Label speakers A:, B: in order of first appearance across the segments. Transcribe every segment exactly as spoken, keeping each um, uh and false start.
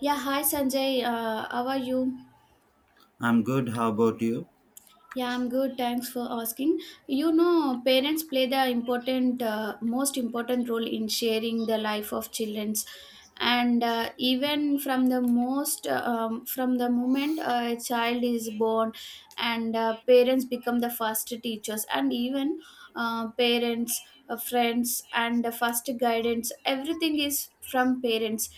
A: Yeah, hi Sanjay. Uh, how are you?
B: I'm good. How about you?
A: Yeah, I'm good. Thanks for asking. You know, parents play the important, uh, most important role in sharing the life of childrens, and uh, even from the most, uh, um, from the moment a child is born, and uh, parents become the first teachers, and even uh, parents, uh, friends, and the first guidance. Everything is from parents,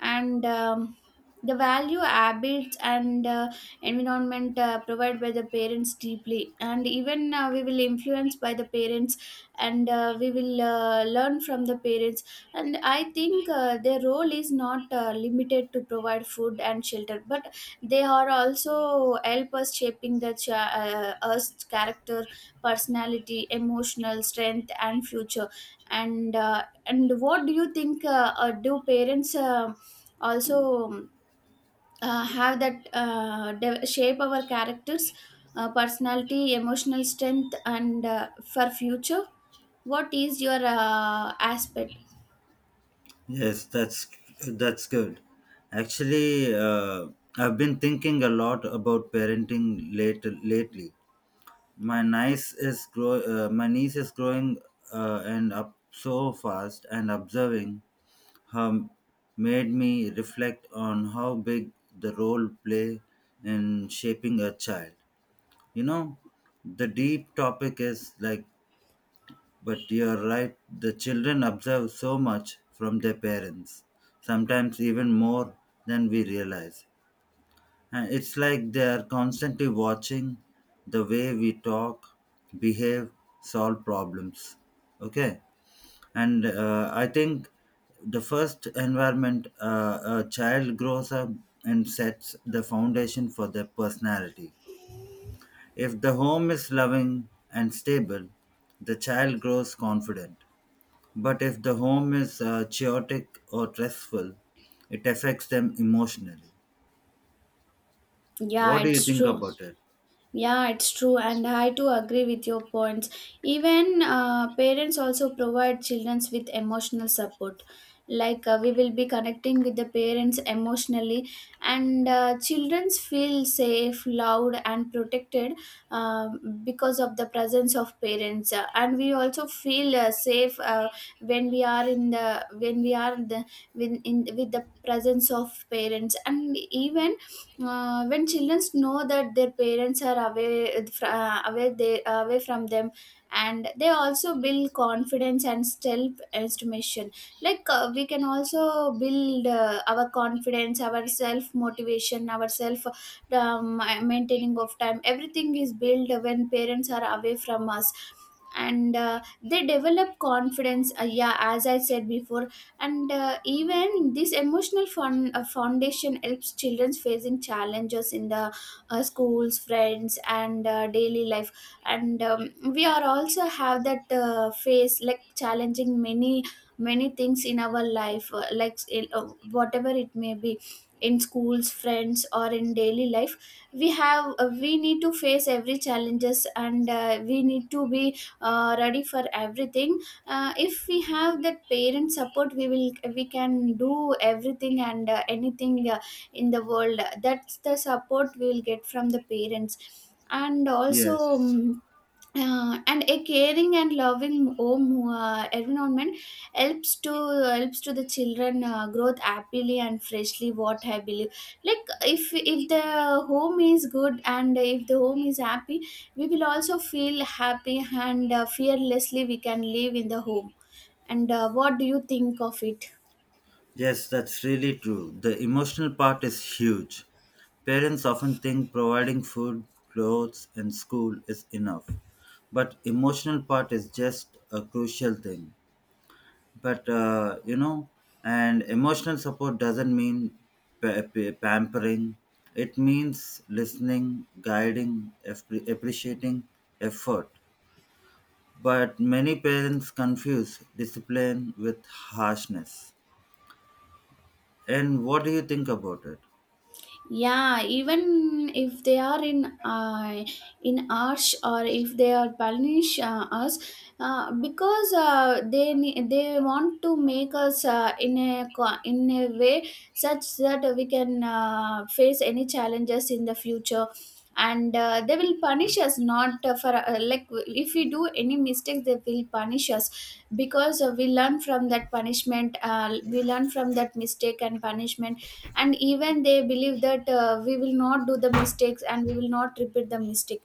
A: and um, the value habits and uh, environment uh, provided by the parents deeply and even uh, we will influence by the parents and uh, we will uh, learn from the parents and I think uh, their role is not uh, limited to provide food and shelter, but they are also help us shaping the ch- uh, us character, personality, emotional strength and future. And uh, and what do you think, uh, uh, do parents uh, also um, uh, have that uh, de- shape our characters, uh, personality, emotional strength and uh, for future? What is your uh, aspect?
B: Yes, that's that's good. Actually, uh, I've been thinking a lot about parenting late lately. My niece is grow uh, my niece is growing uh, and up so fast, and observing her made me reflect on how big the role play in shaping a child. You know, the deep topic is like But you're right, the children observe so much from their parents, sometimes even more than we realize. And it's like they are constantly watching the way we talk, behave, solve problems. Okay? And uh, I think the first environment uh, a child grows up and sets the foundation for their personality. If the home is loving and stable, the child grows confident. But if the home is uh, chaotic or stressful, it affects them emotionally.
A: Yeah,
B: What do you
A: it's
B: think
A: true.
B: about it?
A: Yeah, it's true, and I too agree with your points. Even uh, parents also provide children with emotional support. Like uh, we will be connecting with the parents emotionally, and uh, children feel safe, loved, and protected uh, because of the presence of parents. Uh, and we also feel uh, safe uh, when we are in the when we are the when in with the presence of parents, and even uh, when children know that their parents are away fr- uh, away they away from them, and they also build confidence and self estimation. Like uh, we can also build uh, our confidence, our self motivation, our self, um, maintaining of time, everything is built when parents are away from us, and uh, they develop confidence, uh, yeah, as I said before. And uh, even this emotional fun, uh, foundation helps children facing challenges in the uh, schools, friends and uh, daily life. And um, we are also have that uh, phase, like challenging many many things in our life, uh, like uh, whatever it may be, in schools, friends or in daily life, we have uh, we need to face every challenges, and uh, we need to be uh, ready for everything. Uh, if we have that parent support, we will we can do everything and uh, anything uh, in the world. That's the support we will get from the parents, and also
B: Yes.
A: um, uh, and a caring and loving home uh, environment helps to helps to the children uh, growth happily and freshly, what I believe. Like if if the home is good and if the home is happy, we will also feel happy, and uh, fearlessly we can live in the home. And uh, what do you think of it?
B: Yes, that's really true. The emotional part is huge. Parents often think providing food, clothes, and school is enough. But emotional part is just a crucial thing. But uh, you know And emotional support doesn't mean pa- pa- pampering. It means listening, guiding, appre- appreciating effort, but many parents confuse discipline with harshness. And what do you think about it?
A: Yeah, even if they are in uh, in arch, or if they are punish uh, us, uh, because uh, they ne- they want to make us uh, in a co- in a way such that we can uh, face any challenges in the future. And uh, they will punish us, not uh, for uh, like, if we do any mistakes they will punish us because uh, we learn from that punishment. Uh, we learn from that mistake and punishment, and even they believe that uh, we will not do the mistakes and we will not repeat the mistake.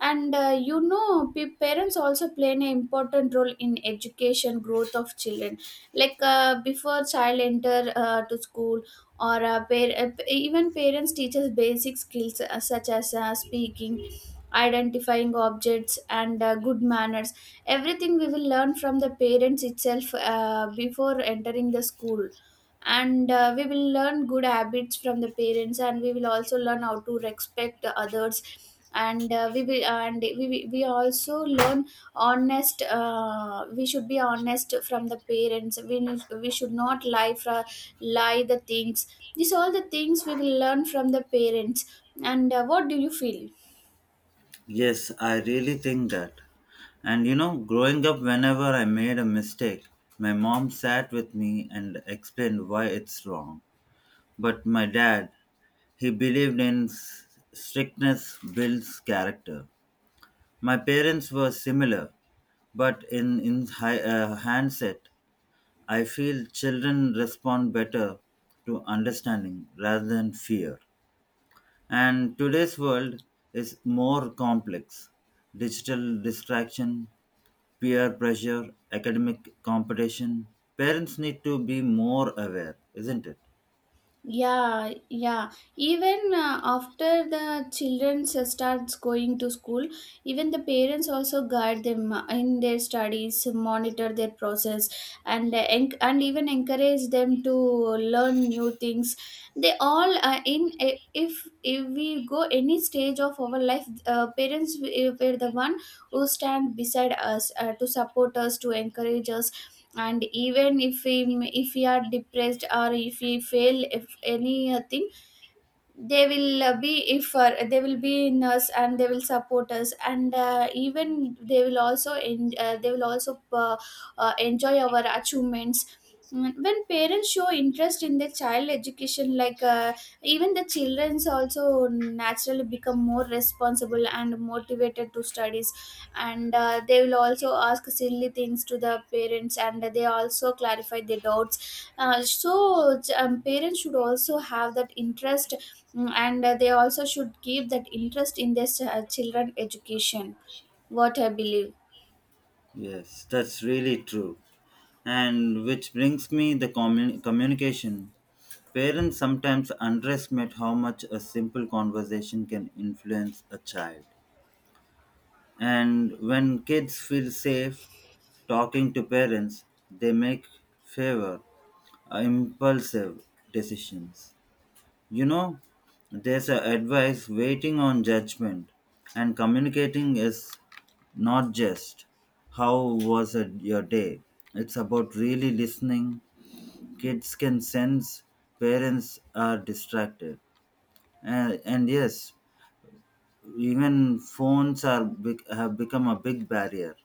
A: And uh, you know, p- parents also play an important role in education growth of children. Like uh, before child enter uh, to school, or uh, par- uh, even parents teaches basic skills, uh, such as uh, speaking, identifying objects and uh, good manners. Everything we will learn from the parents itself, uh, before entering the school. And uh, we will learn good habits from the parents, and we will also learn how to respect the others. And uh, we will and we, we we also learn honest uh, We should be honest from the parents. We need, we should not lie fra, lie the things. These all the things we will learn from the parents. And uh, what do you feel?
B: Yes, I really think that. And you know, growing up whenever I made a mistake, my mom sat with me and explained why it's wrong. But my dad, He believed in s- strictness builds character. My parents were similar, but in, in hi- uh, handset, I feel children respond better to understanding rather than fear. And today's world is more complex. Digital distraction, peer pressure, academic competition. Parents need to be more aware, isn't it?
A: Yeah, yeah. Even uh, after the children s- starts going to school, even the parents also guide them uh, in their studies, monitor their process, and uh, enc- and even encourage them to learn new things. They all uh, in I- if if we go any stage of our life, uh, parents w- were the one who stand beside us uh, to support us, to encourage us. And even if we if we are depressed, or if we fail, if anything, they will uh, be if uh, they will be in us and they will support us, and uh, even they will also en- uh, they will also uh, uh, enjoy our achievements. Mm, when parents show interest in their child education, like uh, even the childrens also naturally become more responsible and motivated to studies. And uh, they will also ask silly things to the parents and they also clarify their doubts, uh, so um, parents should also have that interest. Mm, and uh, they also should keep that interest in their uh, children education, what I believe.
B: Yes, that's really true. And which brings me the commun- communication. Parents sometimes underestimate how much a simple conversation can influence a child. And when kids feel safe talking to parents, they make favor uh, impulsive decisions. You know, there's a advice waiting on judgment, and communicating is not just how was it your day. It's about really listening. Kids can sense parents are distracted, and, and yes, even phones are bec- have become a big barrier.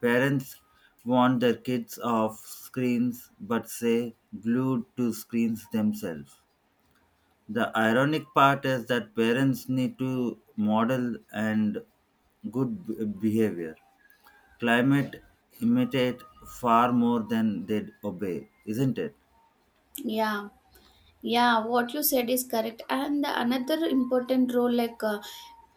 B: Parents want their kids off screens, but say glued to screens themselves. The ironic part is that parents need to model and good b- behavior. Climate imitate far more than they obey, isn't it?
A: Yeah, yeah. What you said is correct. And another important role, like uh,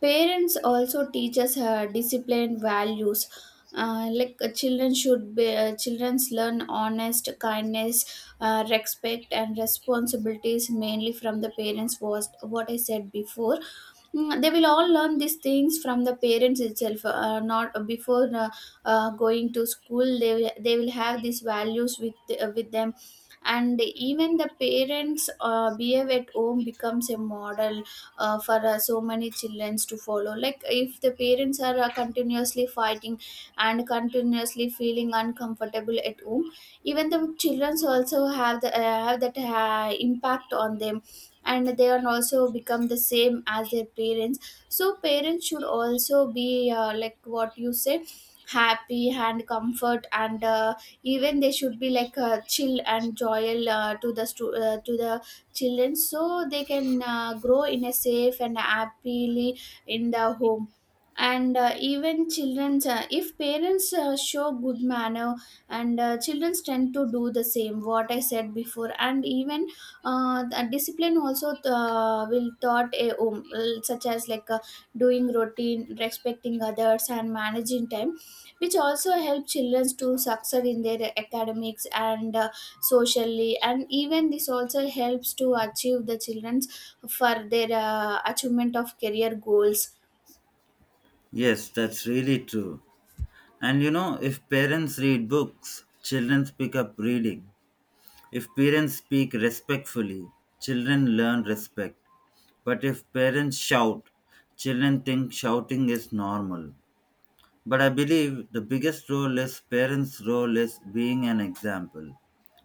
A: parents also teach us uh, discipline values. Uh, like uh, children should be, uh, childrens learn honest, kindness, uh, respect, and responsibilities mainly from the parents, was what I said before. Mm, they will all learn these things from the parents itself, uh, not before uh, uh, going to school. They will, they will have these values with uh, with them. And even the parents uh, behave at home becomes a model uh, for uh, so many children to follow. Like, if the parents are uh, continuously fighting and continuously feeling uncomfortable at home, even the children also have the uh, have that uh, impact on them, and they are also become the same as their parents. So parents should also be uh, like what you say, happy and comfort, and uh, even they should be like uh, chill and joyful uh, to the stu- uh, to the children, so they can uh, grow in a safe and happily in the home. And uh, even children, uh, if parents uh, show good manner, and uh, children tend to do the same, what I said before. And even uh, the discipline also uh, will taught a, um, such as like uh, doing routine, respecting others and managing time, which also help children to succeed in their academics and uh, socially. And even this also helps to achieve the children's for their uh, achievement of career goals.
B: Yes, that's really true. And you know, if parents read books, children pick up reading. If parents speak respectfully, children learn respect. But if parents shout, children think shouting is normal. But I believe the biggest role is parents' role is being an example,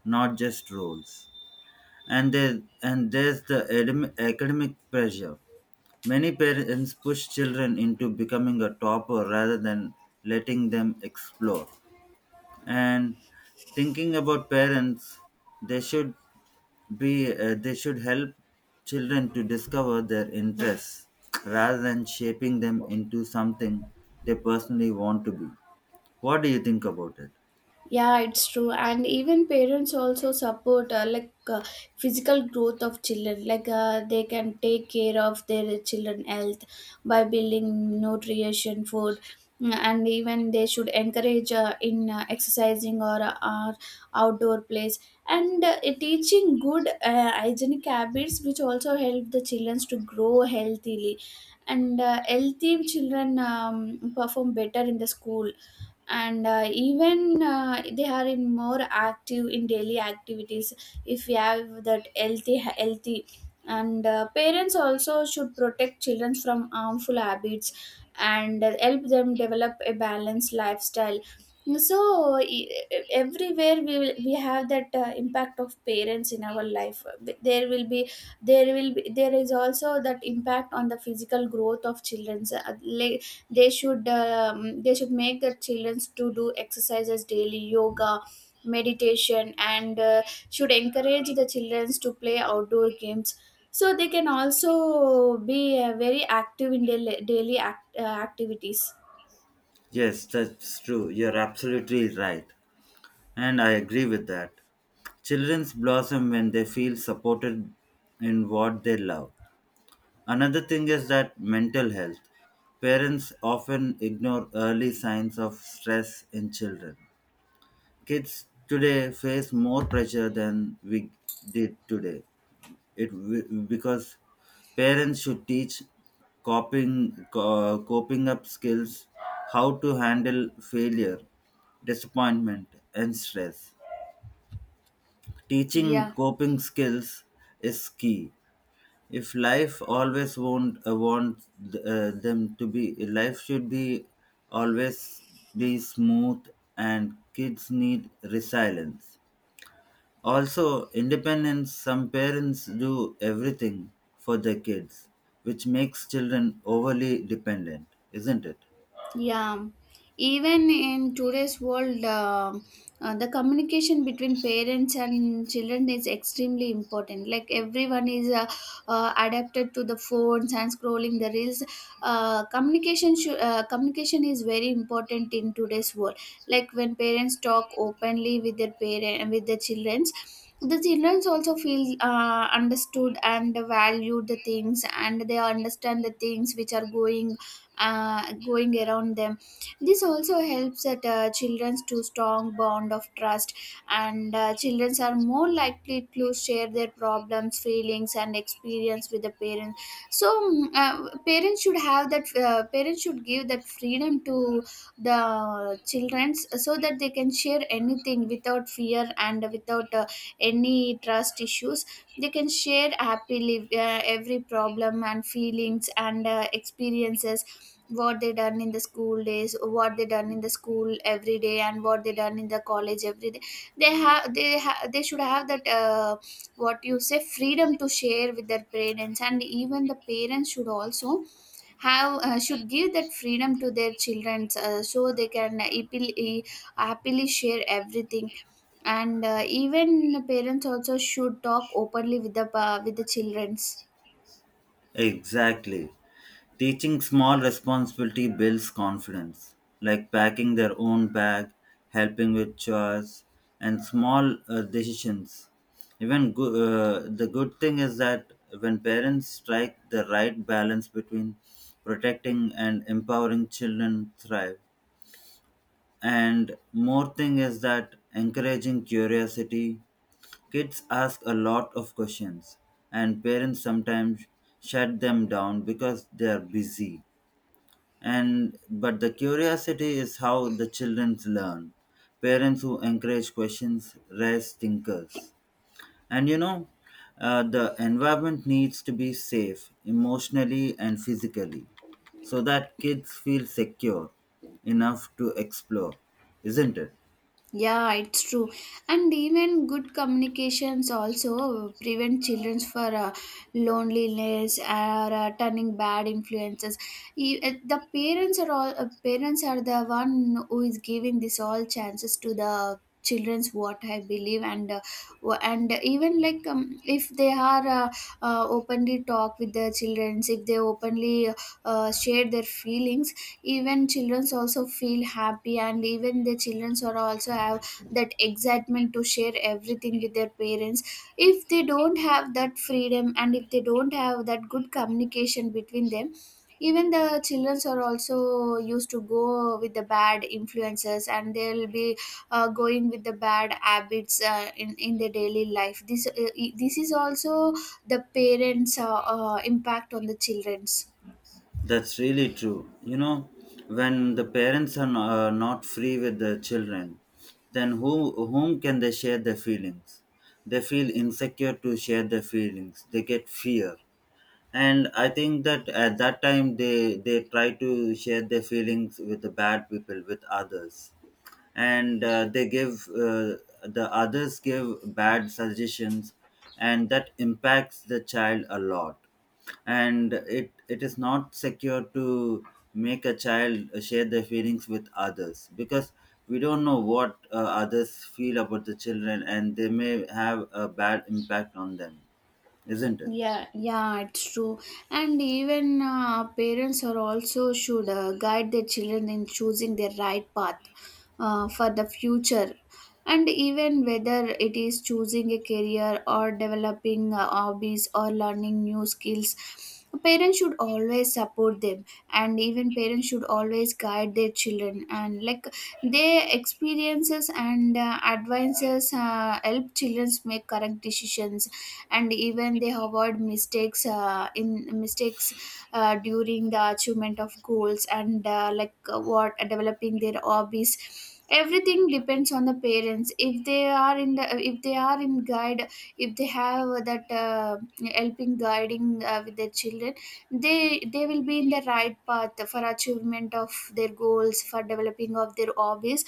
B: not just roles. And there, and there's the adem- academic pressure. Many parents push children into becoming a topper rather than letting them explore. And thinking about parents, they should be uh, they should help children to discover their interests rather than shaping them into something they personally want to be. What do you think about it?
A: Yeah, it's true. And even parents also support, uh, like uh, physical growth of children. Like uh, they can take care of their children health by building nutrition food. Mm, and even they should encourage uh, in uh, exercising or uh, or outdoor plays, and uh, teaching good uh, hygienic habits, which also help the children to grow healthily. And uh, healthy children um, perform better in the school, and uh, even uh, they are in more active in daily activities, if we have that healthy healthy. And uh, parents also should protect children from harmful habits and help them develop a balanced lifestyle. So e- e, everywhere we will, we have that uh, impact of parents in our life. There will be there will be there is also that impact on the physical growth of children. So, uh, like, they should um, they should make the children to do exercises daily, yoga, meditation and uh, should encourage the children to play outdoor games, so they can also be uh, very active in daily, daily act, uh, activities.
B: Yes, that's true. You're absolutely right. And I agree with that. Children's blossom when they feel supported in what they love. Another thing is that mental health. Parents often ignore early signs of stress in children. Kids today face more pressure than we did today. It wi- because parents should teach coping co- coping up skills, how to handle failure, disappointment, and stress. Teaching
A: Yeah.
B: coping skills is key. If life always won't uh, want uh, them to be, life should be always be smooth, and kids need resilience. Also, independence, some parents do everything for their kids, which makes children overly dependent, isn't it?
A: Yeah, even in today's world, uh, uh, the communication between parents and children is extremely important. Like everyone is uh, uh, adapted to the phones and scrolling the reels. Uh, communication should uh, communication is very important in today's world. Like when parents talk openly with their parent with their children. The children also feel uh, understood and valued the things, and they understand the things which are going uh, going around them. This also helps at uh, children's to strong bond of trust, and uh, children are more likely to share their problems feelings and experience with the parents. So mm, uh, parents should have that uh, parents should give that freedom to the children so that they can share anything without fear and without uh, any trust issues. They can share happily uh, every problem and feelings and uh, experiences, what they done in the school days, what they done in the school every day, and what they done in the college every day. They have they ha- they should have that uh, what you say freedom to share with their parents, and even the parents should also have uh, should give that freedom to their children, uh, so they can happily, happily share everything. And uh, even parents also should talk openly with the pa with the childrens.
B: Exactly. Teaching small responsibility builds confidence, like packing their own bag, helping with chores, and small uh, decisions. Even go- uh, the good thing is that when parents strike the right balance between protecting and empowering, children thrive. And more thing is that encouraging curiosity, kids ask a lot of questions and parents sometimes shut them down because they are busy. And but the curiosity is how the children learn. Parents who encourage questions raise thinkers. And you know, uh, the environment needs to be safe emotionally and physically so that kids feel secure enough to explore, isn't it?
A: Yeah, it's true. And even good communications also prevent children for uh, loneliness or uh, turning bad influences. E- uh, The parents are all uh, parents are the one who is giving this all chances to the children's what I believe. And uh, wha- and even like um, if they are uh, uh, openly talk with their childrens, if they openly uh, share their feelings, even childrens also feel happy, and even the childrens are also have that excitement to share everything with their parents. If they don't have that freedom, and if they don't have that good communication between them, even the childrens are also used to go with the bad influences, and they'll be uh, going with the bad habits uh, in in their daily life. This uh, this is also the parents uh, uh, impact on the children's.
B: That's really true. You know, when the parents are no- uh, not free with the children, then who whom can they share their feelings? They feel insecure to share their feelings. They get fear, and I think that at that time they they try to share their feelings with the bad people, with others. And uh, they give uh, the others give bad suggestions, and that impacts the child a lot. And it it is not secure to make a child share their feelings with others, because we don't know what uh, others feel about the children, and they may have a bad impact on them, isn't it?
A: Yeah, yeah, it's true. And even uh, parents are also should uh, guide their children in choosing their right path uh, for the future. And even whether it is choosing a career or developing uh, hobbies or learning new skills, parents should always support them. And even parents should always guide their children, and like their experiences and uh, advices uh, help children make correct decisions, and even they avoid mistakes uh, in mistakes uh, during the achievement of goals and uh, like uh, what developing their hobbies. Everything depends on the parents. If they are in the if they are in guide, if they have that uh, helping guiding uh, with their children, they they will be in the right path for achievement of their goals, for developing of their hobbies.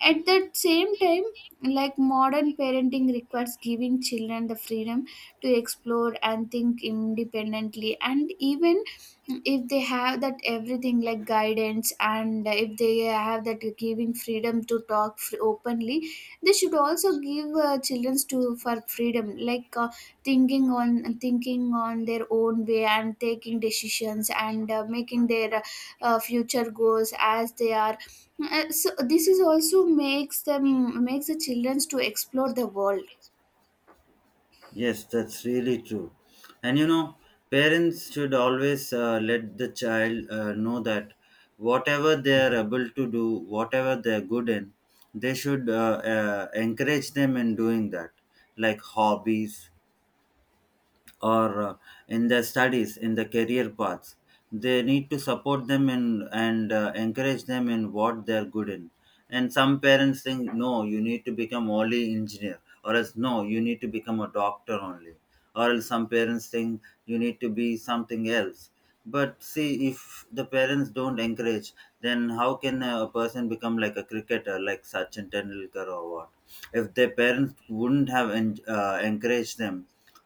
A: At that same time, like modern parenting requires giving children the freedom to explore and think independently. And even if they have that everything like guidance, and if they have that giving freedom to talk fr- openly, they should also give uh, children to for freedom like uh, thinking on thinking on their own way and taking decisions and uh, making their uh, future goals as they are. Uh, so this is also makes them, makes the children to explore the world.
B: Yes, that's really true. And you know, parents should always uh, let the child uh, know that whatever they are able to do, whatever they are good in, they should uh, uh, encourage them in doing that, like hobbies or uh, in their studies, in the career paths. They need to support them in, and uh, encourage them in what they're good in. And some parents think, no, you need to become only engineer, or else no, you need to become a doctor only, or else some parents think you need to be something else. But see, if the parents don't encourage, then how can a person become like a cricketer like Sachin Tendulkar or what? If their parents wouldn't have en- uh, encouraged them,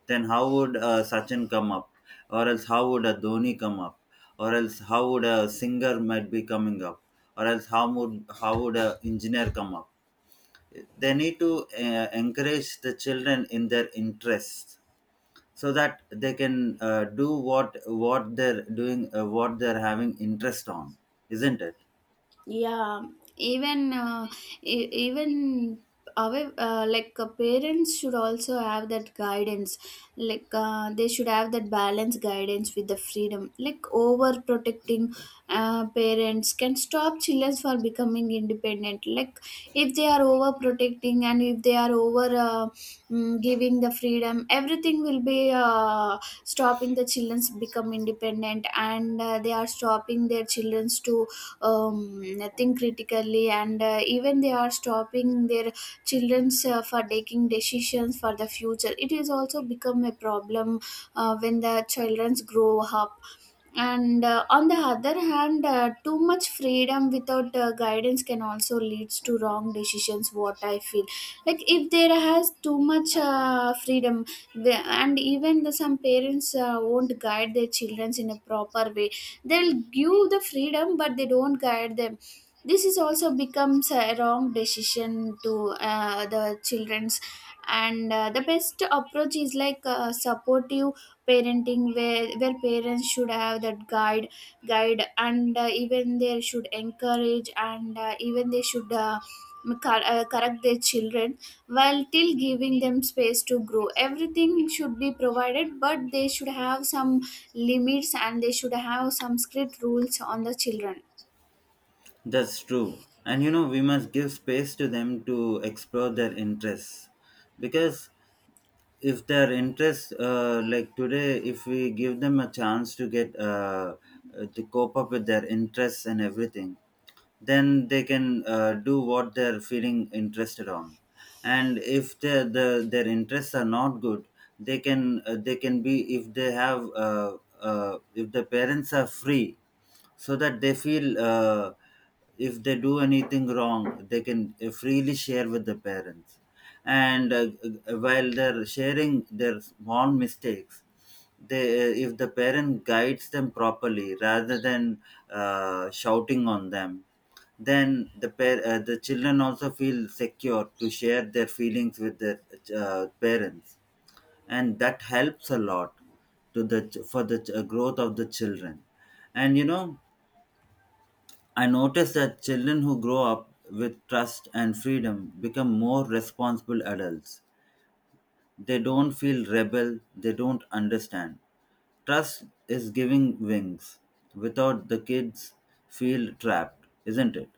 B: then how would uh, Sachin come up? Or else how would a Dhoni come up? Or else how would a singer might be coming up? Or else how would how would a engineer come up? They need to uh, encourage the children in their interests, so that they can uh, do what what they're doing, uh, what they're having interest on, isn't it?
A: Yeah. Even uh, e- even our uh, like uh, parents should also have that guidance. Like uh, they should have that balance guidance with the freedom. Like overprotecting uh, parents can stop children for becoming independent. Like if they are overprotecting, and if they are over uh, mm, giving the freedom, everything will be uh, stopping the children's become independent, and uh, they are stopping their children's to um, think critically. And uh, even they are stopping their children's uh, for taking decisions for the future. It is also become a problem uh, when the childrens grow up. And uh, on the other hand, uh, too much freedom without uh, guidance can also leads to wrong decisions, what I feel. Like if there has too much uh, freedom, the- and even the, some parents uh, won't guide their children in a proper way. They'll give the freedom, but they don't guide them. This is also becomes a wrong decision to uh, the children's. And uh, the best approach is like uh, supportive parenting, where where parents should have that guide guide and uh, even they should encourage, and uh, even they should uh, cor- uh, correct their children while till giving them space to grow. Everything should be provided, but they should have some limits, and they should have some strict rules on the children.
B: That's true. And you know, we must give space to them to explore their interests, because if their interests, uh, like today, if we give them a chance to get uh, uh, to cope up with their interests and everything, then they can uh, do what they're feeling interested on. And if their the, their interests are not good, they can uh, they can be if they have uh, uh, if the parents are free so that they feel, uh, if they do anything wrong, they can uh, freely share with the parents. And uh, uh, while they're sharing their small mistakes, they uh, if the parent guides them properly rather than uh, shouting on them, then the par- uh, the children also feel secure to share their feelings with their uh, parents, and that helps a lot to the ch- for the ch- growth of the children. And you know, I noticed that children who grow up with trust and freedom become more responsible adults. They don't feel rebel, they don't understand. Trust is giving wings. Without, the kids feel trapped, isn't it?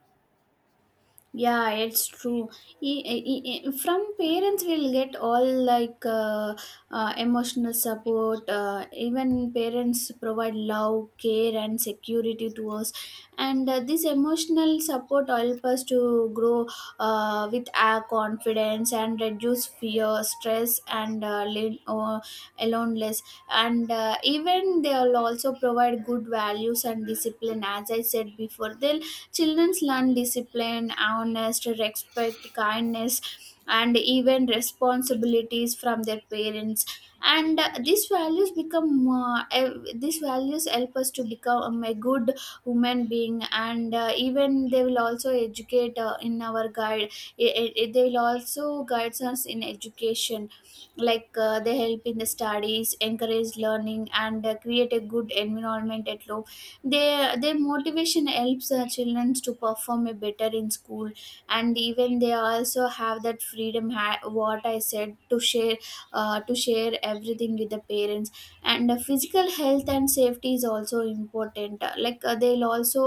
A: Yeah, it's true. E- e- e- e, From parents, we'll get all like uh, uh, emotional support. Uh, even parents provide love, care, and security to us. And uh, this emotional support help us to grow uh, with our confidence and reduce fear, stress, and uh, lin- or aloneness. And uh, even they'll also provide good values and discipline. As I said before, they'll children learn discipline, honest, respect, kindness, and even responsibilities from their parents. And uh, these values become uh, ev- these values help us to become a good human being. And uh, even they will also educate uh, in our guide. I- i- they will also guide us in education. Like uh, they help in the studies, encourage learning, and uh, create a good environment at home. They their motivation helps uh, children to perform a better in school. And even they also have that freedom ha- what I said to share uh, to share everything with the parents. And uh, physical health and safety is also important. Uh, like uh, they'll also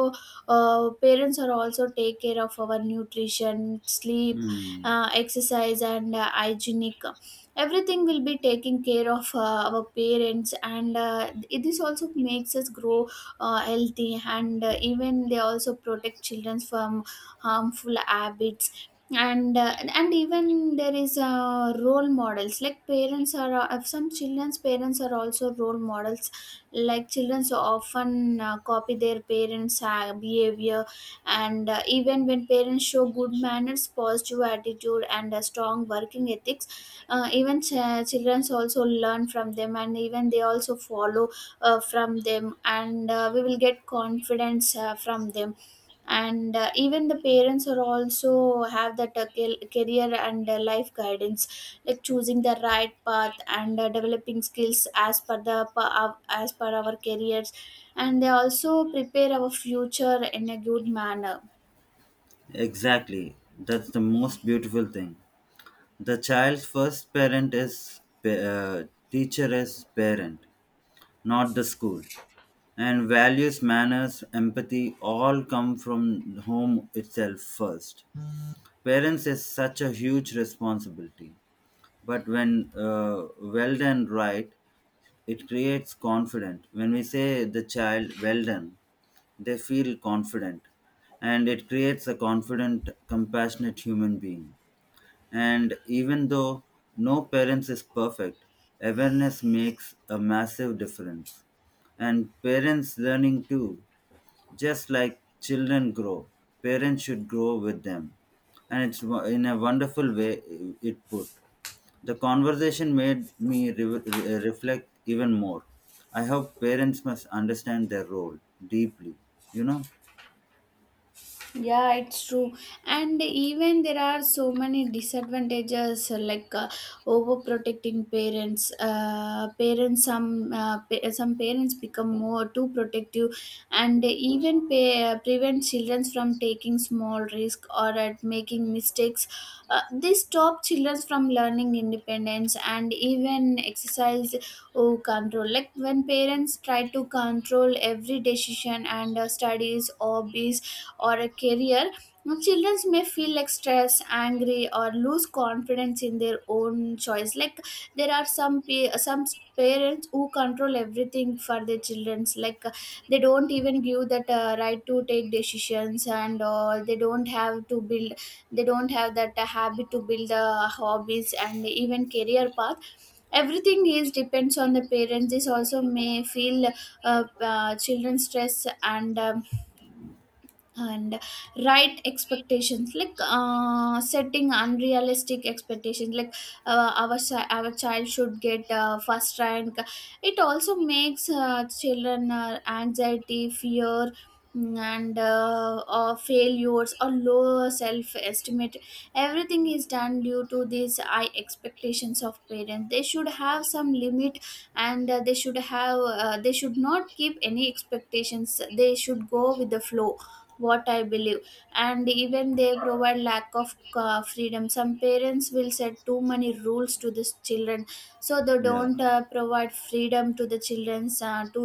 A: uh, parents are also take care of our nutrition, sleep,
B: Hmm.
A: uh, exercise, and uh, hygienic. Everything will be taking care of uh, our parents. And uh, this also makes us grow uh, healthy. And uh, even they also protect children from harmful habits. And uh, and even there is uh, role models. Like parents are uh, of some children's, parents are also role models. Like children so often uh, copy their parents uh, behavior. And uh, even when parents show good manners, positive attitude, and a strong working ethics, uh, even ch- children also learn from them, and even they also follow uh, from them. And uh, we will get confidence uh, from them. And uh, even the parents are also have that uh, cal- career and uh, life guidance, like choosing the right path and uh, developing skills as per the pa- our- as per our careers. And they also prepare our future in a good manner.
B: Exactly. That's the most beautiful thing. The child's first parent is pa- uh, teacher is parent, not the school. And values, manners, empathy all come from home itself first. Parents is such a huge responsibility, but when uh, well done right, it creates confidence. When we say the child well done, they feel confident, and it creates a confident, compassionate human being. And even though no parents is perfect, awareness makes a massive difference. And parents learning too, just like children grow, parents should grow with them. And it's wo- in a wonderful way it put. The conversation made me re- re- reflect even more. I hope parents must understand their role deeply, you know?
A: Yeah, it's true. And even there are so many disadvantages uh, like uh, overprotecting parents. Uh, parents some uh, pa- some parents become more too protective, and even pa- prevent children from taking small risk or at making mistakes. Uh, this stop children from learning independence, and even exercise oh, control. Like when parents try to control every decision and uh, studies, hobbies, or a career, children may feel like stressed, angry, or lose confidence in their own choice. Like there are some pa- some parents who control everything for their childrens. Like uh, they don't even give that uh, right to take decisions and all. They don't have to build, they don't have that uh, habit to build the hobbies and even career path. Everything is depends on the parents. This also may feel uh, uh, children stress. And um, and right expectations, like uh, setting unrealistic expectations, like uh, our chi- our child should get uh, first rank. It also makes uh, children uh, anxiety, fear, mm, and uh, or failures, or lower self estimate. Everything is done due to these high expectations of parents. They should have some limit, and uh, they should have uh, they should not keep any expectations. They should go with the flow, what I believe. And even they provide lack of uh, freedom. Some parents will set too many rules to the children, so they
B: Yeah.
A: don't uh, provide freedom to the children's uh, to,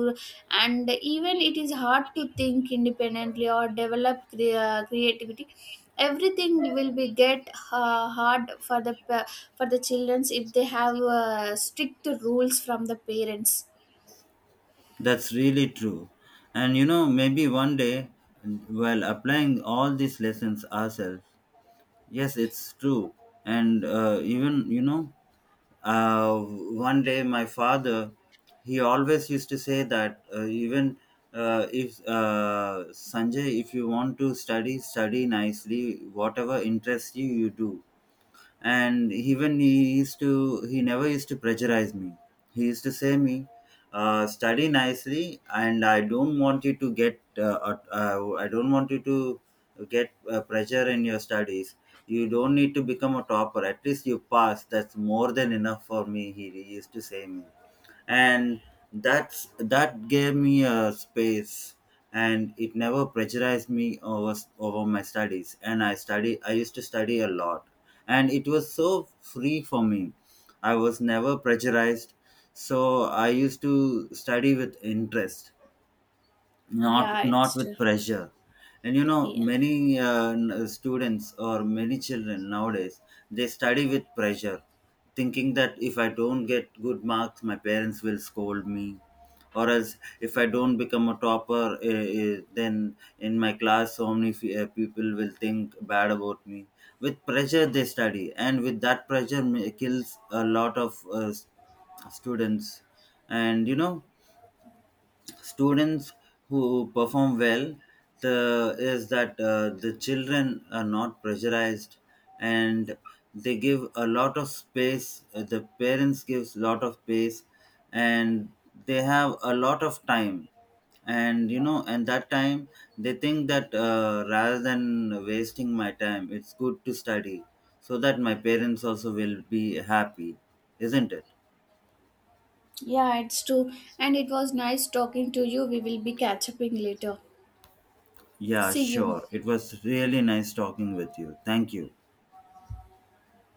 A: and even it is hard to think independently or develop cre- uh, creativity. Everything will be get uh, hard for the pa- for the childrens if they have uh, strict rules from the parents.
B: That's really true. And you know, maybe one day, while applying all these lessons ourselves, yes, it's true. And uh, even, you know, uh, one day my father, he always used to say that uh, even uh, if uh, Sanjay, if you want to study, study nicely, whatever interests you, you do. And even he used to he never used to pressurize me. He used to say me, uh, study nicely, and I don't want you to get uh, at- uh, I don't want you to get uh, pressure in your studies. You don't need to become a topper, at least you pass, that's more than enough for me, he, he used to say me. And that's that gave me a space, and it never pressurized me over over my studies, and i study I used to study a lot. And it was so free for me, I was never pressurized, so I used to study with interest, not
A: Yeah,
B: not
A: it's true.
B: with pressure. And you know,
A: Yeah.
B: many uh, n- students or many children nowadays, they study with pressure, thinking that if I don't get good marks my parents will scold me, or else if I don't become a topper, uh, uh, then in my class so many fe- uh, people will think bad about me. With pressure they study, and with that pressure ma- kills a lot of uh, s- students. And you know, students who perform well, the is that uh, the children are not pressurized, and they give a lot of space, uh, the parents gives a lot of space, and they have a lot of time. And you know, and that time they think that uh, rather than wasting my time it's good to study, so that my parents also will be happy, isn't it?
A: Yeah, it's true. And it was nice talking to you. We will be catching up later.
B: Yeah,
A: See you.
B: sure, it was really nice talking with you, thank you.